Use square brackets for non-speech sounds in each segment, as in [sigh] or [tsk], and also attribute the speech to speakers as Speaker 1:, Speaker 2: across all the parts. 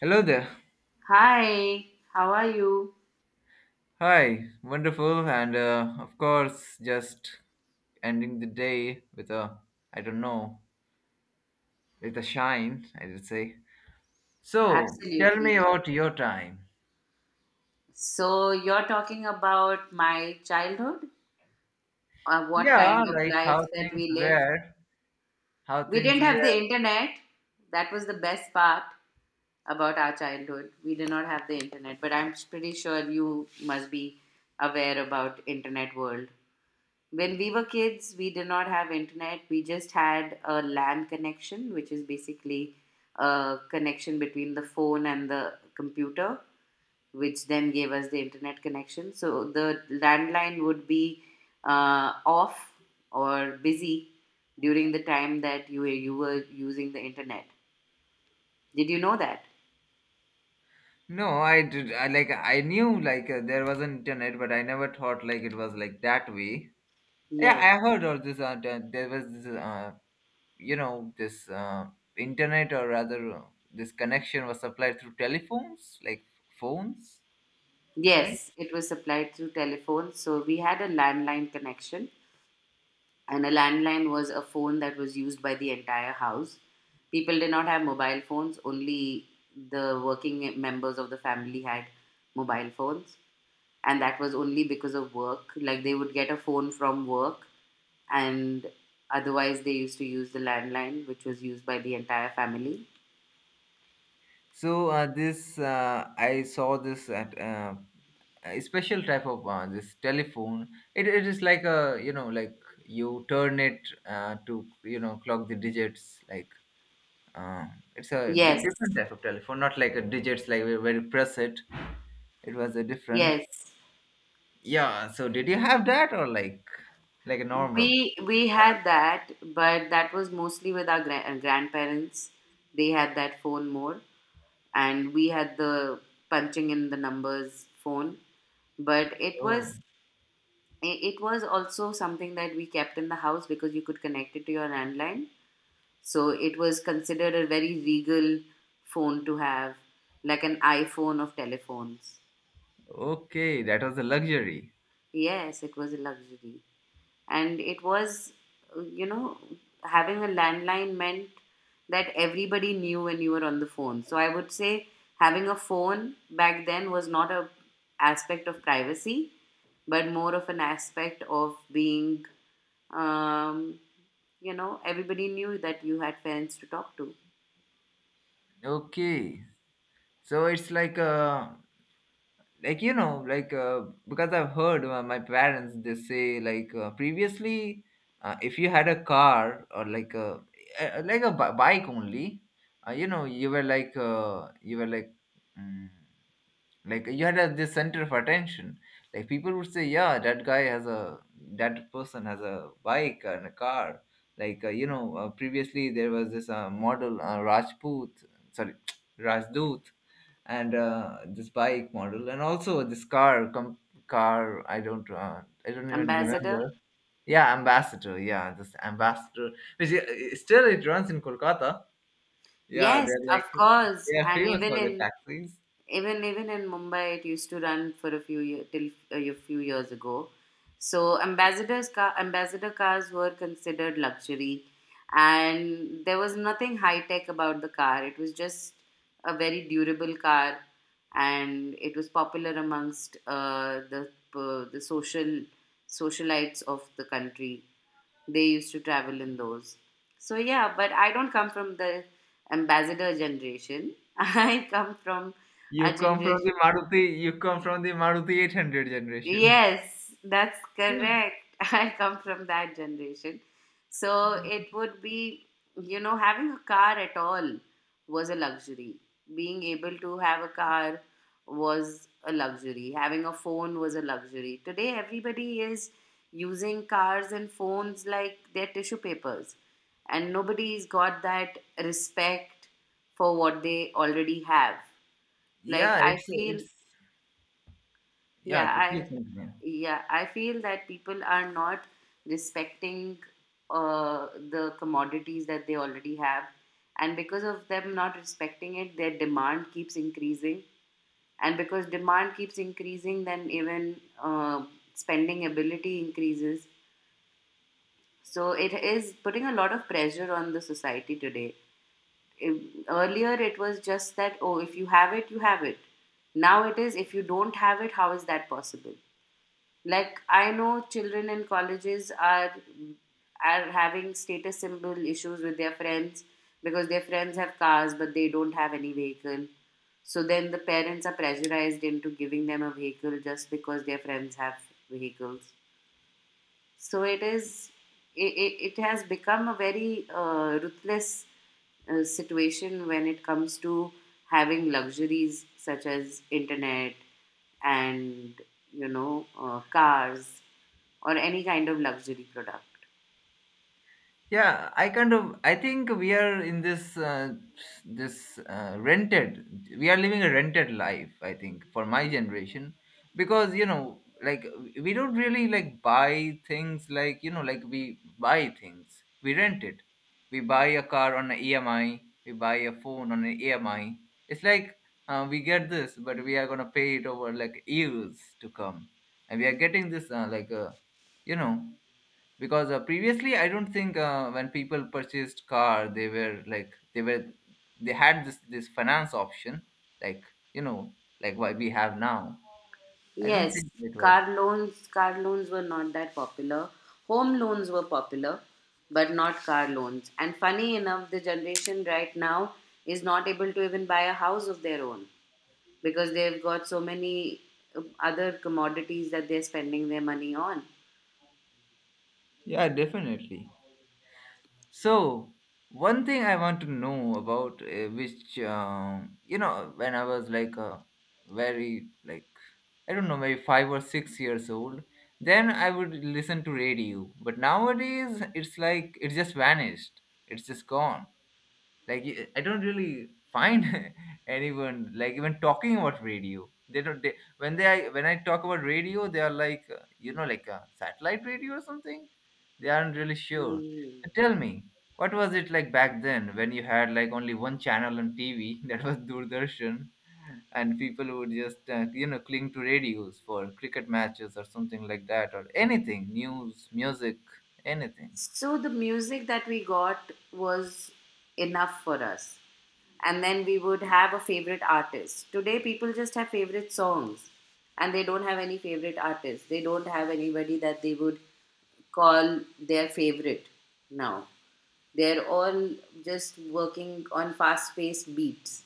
Speaker 1: Hello there.
Speaker 2: Hi, how are you?
Speaker 1: Hi. Wonderful. And of course, just ending the day with I don't know, with a shine, I would say. So, tell me
Speaker 2: Absolutely.
Speaker 1: about your time.
Speaker 2: So, you're talking about my childhood or what
Speaker 1: Yeah,
Speaker 2: kind of
Speaker 1: like how
Speaker 2: life that
Speaker 1: things
Speaker 2: we lived.
Speaker 1: were. How
Speaker 2: We
Speaker 1: things
Speaker 2: didn't have the
Speaker 1: were.
Speaker 2: internet. That was the best part about our childhood. We did not have the internet, but I'm pretty sure you must be aware about internet world. When we were kids, we did not have internet. We just had a LAN connection, which is basically a connection between the phone and the computer which then gave us the internet connection. So the landline would be off or busy during the time that you were using the internet. Did you know that?
Speaker 1: No, I did. I knew like there was an internet, but I never thought like it was like that way. Yeah,
Speaker 2: Yes.
Speaker 1: I heard all this. That there was this you know this internet, or rather this connection was supplied through telephones, like phones, right.
Speaker 2: Yes, it was supplied through telephone. So we had a landline connection, and a landline was a phone that was used by the entire house. People did not have mobile phones, only the working members of the family had mobile phones. And that was only because of work. Like they would get a phone from work, and otherwise they used to use the landline, which was used by the entire family.
Speaker 1: So this I saw this at a special type of this telephone. It is like, a you know, like you turn it to you know, clock the digits, like uh, it's a
Speaker 2: Yes,
Speaker 1: different type of telephone, not like a digits like where you press it. It was a different,
Speaker 2: yes.
Speaker 1: yeah. So did you have that, or like a normal?
Speaker 2: We had that, but that was mostly with our grandparents. They had that phone more, and we had the punching in the numbers phone. But it
Speaker 1: Oh,
Speaker 2: was it was also something that we kept in the house because you could connect it to your landline. So it was considered a very regal phone to have, like an iPhone of telephones.
Speaker 1: okay. That was a luxury.
Speaker 2: Yes, it was a luxury. And it was, you know, having a landline meant that everybody knew when you were on the phone. So I would say having a phone back then was not a aspect of privacy, but more of an aspect of being, um, you know, everybody knew that you had friends to talk to.
Speaker 1: Okay. So it's like like you know like uh, because I've heard my parents, they say like previously if you had a car or like a bike only, you know, you were like mm, like you had this center of attention. Like people would say, yeah, that guy has a, that person has a bike and a car. Like previously there was this model, rajput sorry [tsk] rajdoot. And this bike model, and also this car car, I don't I don't even
Speaker 2: Ambassador,
Speaker 1: remember. Yeah, ambassador, yeah, this ambassador, which still it runs in kolkata. Yeah,
Speaker 2: yes,
Speaker 1: they're
Speaker 2: of
Speaker 1: like [laughs]
Speaker 2: course.
Speaker 1: they are
Speaker 2: And
Speaker 1: famous
Speaker 2: even
Speaker 1: for the
Speaker 2: in
Speaker 1: taxis.
Speaker 2: even even in Mumbai, it used to run for a few year till a few years ago. So ambassadors car ambassador cars were considered luxury, and there was nothing high tech about the car. It was just a very durable car, and it was popular amongst the socialites of the country, they used to travel in those. So yeah, but I don't come from the ambassador generation. [laughs] I come from a
Speaker 1: You come from
Speaker 2: generation.
Speaker 1: the Maruti, you come from the Maruti 800 generation.
Speaker 2: Yes, that's
Speaker 1: [laughs]
Speaker 2: correct. [laughs] I come from that generation. So it would be, you know, having a car at all was a luxury. Being able to have a car was a luxury. Having a phone was a luxury. Today, everybody is using cars and phones like their tissue papers, and nobody's got that respect for what they already have. Like,
Speaker 1: Yeah,
Speaker 2: I
Speaker 1: it's
Speaker 2: feel
Speaker 1: it's yeah,
Speaker 2: yeah I
Speaker 1: please continue.
Speaker 2: yeah I feel that people are not respecting uh, the commodities that they already have, and because of them not respecting it, their demand keeps increasing, and because demand keeps increasing then even spending ability increases. So it is putting a lot of pressure on the society today. Earlier it was just that, oh, if you have it, you have it. Now it is, if you don't have it, how is that possible? Like, I know children in colleges are having status symbol issues with their friends because their friends have cars but they don't have any vehicle, so then the parents are pressurized into giving them a vehicle just because their friends have vehicles. So it is. It has become a very ruthless situation when it comes to having luxuries such as internet and, you know, cars or any kind of luxury product.
Speaker 1: Yeah, I kind of, I think we are in this rented, we are living a rented life, I think, for my generation, because you know, like we don't really like buy things, like you know, like we buy things, we rent it. We buy a car on an emi, we buy a phone on an emi. It's like we get this, but we are going to pay it over, like, years to come. And we are getting this like a you know because previously, I don't think when people purchased car, they were like, they had this finance option, like you know, like what we have now. I don't
Speaker 2: Yes,
Speaker 1: think it was.
Speaker 2: car loans were not that popular. Home loans were popular, but not car loans. And funny enough, the generation right now is not able to even buy a house of their own, because they've got so many other commodities that they're spending their money on.
Speaker 1: Yeah, definitely. So one thing I want to know about, which you know, when I was like a very, like, I don't know, maybe 5 or 6 years old, then I would listen to radio, but nowadays it's like it just vanished. It's just gone. Like I don't really find [laughs] anyone like even talking about radio. They don't, they, when they I, when I talk about radio, they are like you know, like a satellite radio or something. They aren't really sure.
Speaker 2: Mm.
Speaker 1: So tell me, what was it like back then when you had like only one channel on tv [laughs] that was doordarshan, and people would just you know, cling to radios for cricket matches or something like that, or anything, news, music, anything.
Speaker 2: So the music that we got was enough for us. And then we would have a favorite artist. Today, people just have favorite songs and they don't have any favorite artists. They don't have anybody that they would call their favorite now. They're all just working on fast paced beats.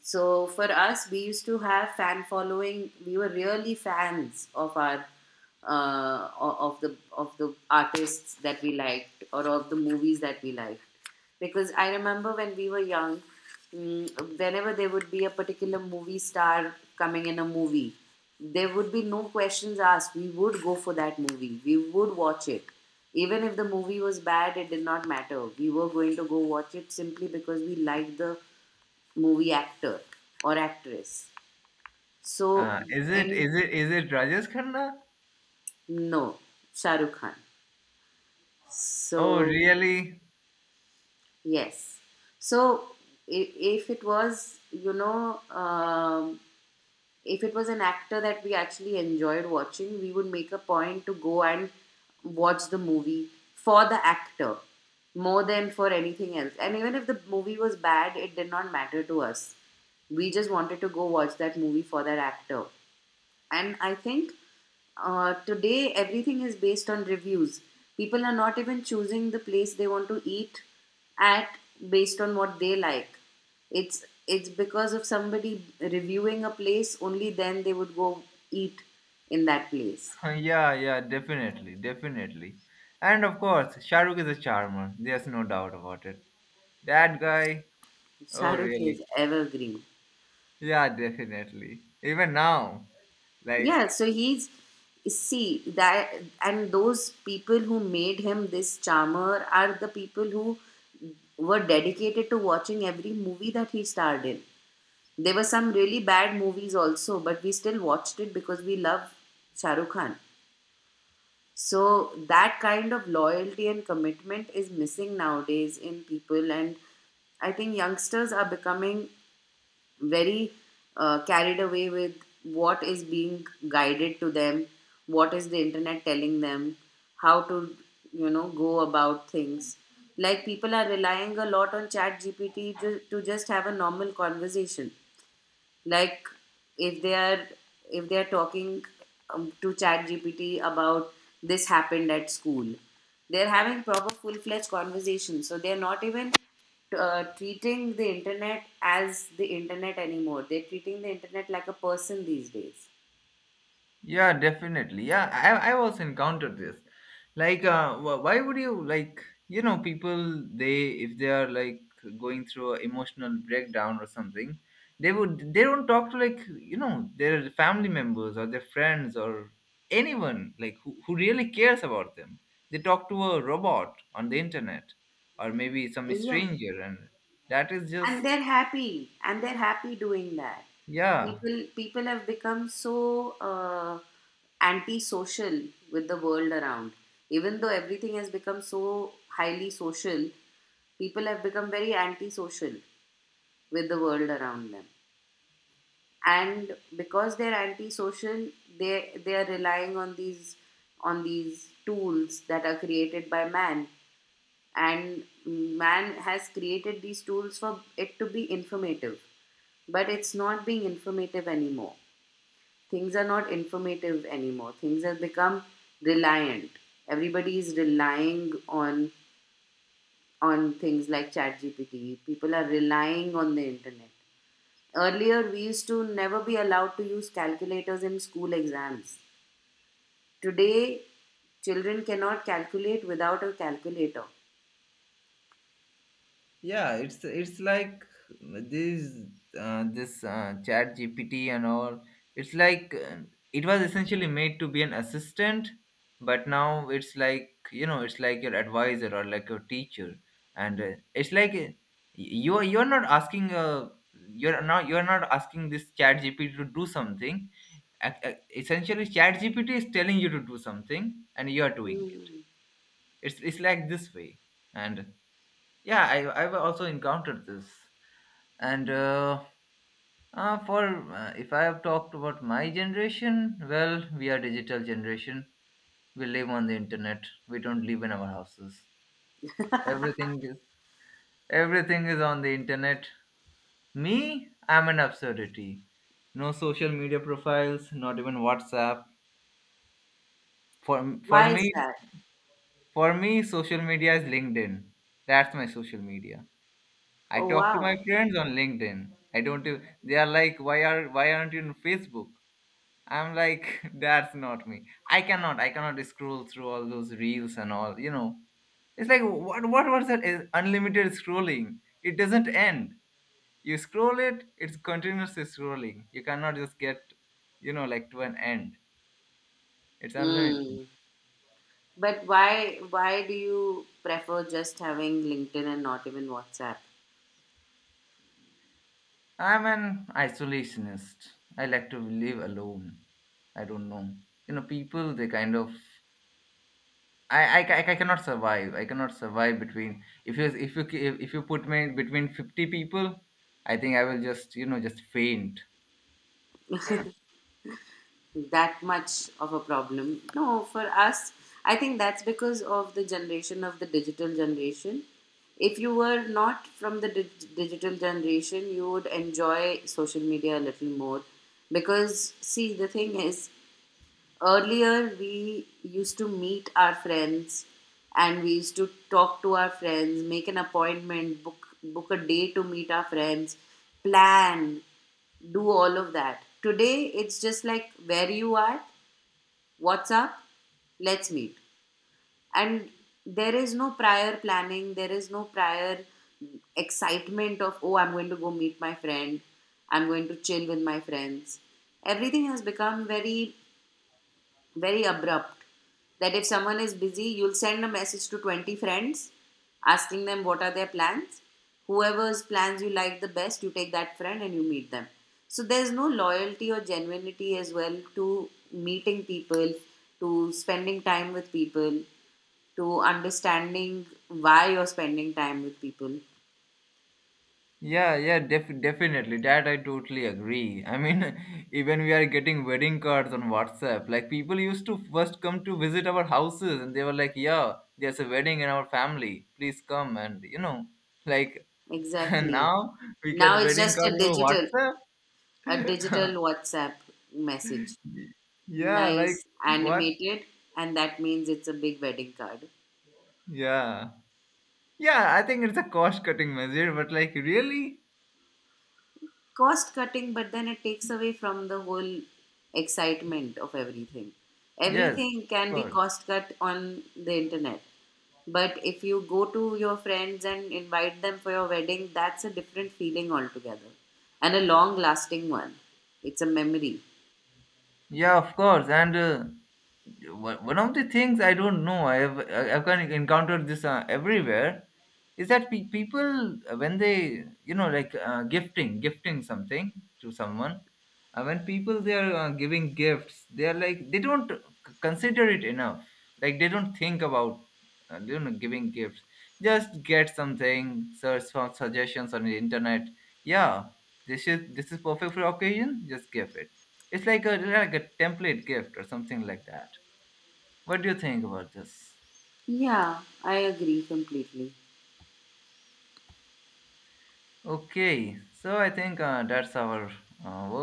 Speaker 2: So for us, we used to have fan following. We were really fans of our of the artists that we liked or of the movies that we liked. Because I remember when we were young, whenever there would be a particular movie star coming in a movie, there would be no questions asked. We would go for that movie. We would watch it. Even if the movie was bad, it did not matter. We were going to go watch it simply because we liked the movie actor or actress. So,
Speaker 1: uh, is it
Speaker 2: and
Speaker 1: is it is it rajesh khanna?
Speaker 2: no, Shah Rukh Khan.
Speaker 1: Oh,
Speaker 2: So,
Speaker 1: really? [laughs]
Speaker 2: yes. So, if it was, you know, if it was an actor that we actually enjoyed watching, we would make a point to go and watch the movie for the actor more than for anything else. And even if the movie was bad, it did not matter to us. We just wanted to go watch that movie for that actor. And I think today everything is based on reviews. People are not even choosing the place they want to eat at based on what they like. It's because of somebody reviewing a place only then they would go eat in that place.
Speaker 1: Yeah, yeah, definitely, definitely. And of course, Shahrukh is a charmer. There's no doubt about it. That guy, oh,
Speaker 2: Shah Rukh is
Speaker 1: really?
Speaker 2: evergreen.
Speaker 1: Yeah, definitely. Even now, like,
Speaker 2: Yeah, so he's see that, and those people who made him this charmer are the people who were dedicated to watching every movie that he starred in. There were some really bad movies also, but we still watched it because we love Shah Rukh Khan. So that kind of loyalty and commitment is missing nowadays in people, and I think youngsters are becoming very carried away with what is being guided to them, what is the internet telling them, how to, you know, go about things. Like, people are relying a lot on Chat GPT to just have a normal conversation. Like, if they are if they are talking, to ChatGPT about this happened at school, they're having proper full-fledged conversations, so they're not even treating the internet as the internet anymore, they're treating the internet like a person these days.
Speaker 1: yeah, definitely. Yeah, I also encountered this. Like, why would you like? You know, people, they, if they are like going through an emotional breakdown or something, they don't talk to, like you know, their family members or their friends or anyone like who really cares about them. They talk to a robot on the internet, or maybe some
Speaker 2: Yeah,
Speaker 1: stranger, and that is just
Speaker 2: and they're happy doing that.
Speaker 1: yeah
Speaker 2: People have become so antisocial with the world around, even though everything has become so highly social, people have become very antisocial with the world around them, and because they're antisocial, they are relying on these, on these tools that are created by man, and man has created these tools for it to be informative, but it's not being informative anymore. Things are not informative anymore, things have become reliant. Everybody is relying on things like ChatGPT. People are relying on the internet. Earlier, we used to never be allowed to use calculators in school exams. Today, children cannot calculate without a calculator.
Speaker 1: yeah. It's like this this chat gpt and all. It's like it was essentially made to be an assistant, but now it's like you know, it's like your advisor or like your teacher. And it's like you're not asking you're not asking this chat gpt to do something. Essentially, chat gpt is telling you to do something, and you're doing it.
Speaker 2: Hmm.
Speaker 1: It's like this way. And yeah, I've also encountered this. And for if I have talked about my generation, well, we are digital generation. We live on the internet. We don't live in our houses. Everything is everything is on the internet. Me, I'm an absurdity. No social media profiles, not even WhatsApp. For for
Speaker 2: Why is
Speaker 1: me,
Speaker 2: that?
Speaker 1: for me, social media is LinkedIn. That's my social media. I
Speaker 2: Oh,
Speaker 1: talk to my
Speaker 2: wow.
Speaker 1: friends on LinkedIn. I don't. Do- They are like, why are, why aren't you on Facebook? I'm like, [laughs] that's not me. I cannot scroll through all those reels and all. You know, it's like, what was that? Is unlimited scrolling. It doesn't end. You scroll it. It's continuous scrolling. You cannot just get, you know, like, to an end. It's unlimited.
Speaker 2: Mm. But why do you prefer just having LinkedIn and not even WhatsApp?
Speaker 1: I'm an isolationist. I like to live alone. I don't know. You know, people, they kind of I cannot survive. I cannot survive between, if you if you put me between 50 people, I think I will just, you know, just faint.
Speaker 2: That much of a problem? No, for us, I think that's because of the generation of the digital generation. If you were not from the digital generation, you would enjoy social media a little more, because see the thing is, earlier, we used to meet our friends and we used to talk to our friends, make an appointment, book a day to meet our friends, plan, do all of that. Today, it's just like, where you are, what's up, let's meet. And there is no prior planning, there is no prior excitement of, oh, I'm going to go meet my friend, I'm going to chill with my friends. Everything has become very very abrupt, that if someone is busy you'll send a message to 20 friends asking them what are their plans, whoever's plans you like the best you take that friend and you meet them. So there's no loyalty or genuinity as well to meeting people, to spending time with people, to understanding why you're spending time with people.
Speaker 1: Yeah, yeah, definitely. That I totally agree. I mean, [laughs] even we are getting wedding cards on WhatsApp. Like, people used to first come to visit our houses, and they were like, "Yeah, there's a wedding in our family. Please come." And you know, like, [laughs] and
Speaker 2: Exactly.
Speaker 1: now we
Speaker 2: Now
Speaker 1: get
Speaker 2: it's
Speaker 1: wedding
Speaker 2: just a
Speaker 1: cards over
Speaker 2: digital,
Speaker 1: WhatsApp.
Speaker 2: a digital whatsapp message.
Speaker 1: [laughs] Yeah, like,
Speaker 2: Nice,
Speaker 1: what?
Speaker 2: animated, and that means it's a big wedding card.
Speaker 1: Yeah. Yeah, I think it's a cost-cutting measure, but like, really?
Speaker 2: Cost cutting, but then it takes away from the whole excitement of everything.
Speaker 1: Yes,
Speaker 2: Everything
Speaker 1: of
Speaker 2: can be
Speaker 1: course.
Speaker 2: cost cut on the internet. But if you go to your friends and invite them for your wedding, that's a different feeling altogether and a long lasting one. It's a memory.
Speaker 1: Yeah, of course. And one of the things, I don't know, I've kind of encountered this everywhere, is that people, when they, you know, like, gifting something to someone, when people, they are giving gifts, they are like, they don't consider it enough. Like, they don't think about you know, giving gifts. Just get something, search for suggestions on the internet. Yeah, this is, this is perfect for occasion. Just give it. It's like a, like a template gift or something like that. What do you think about this?
Speaker 2: Yeah, I agree completely.
Speaker 1: Okay, so I think that's our work.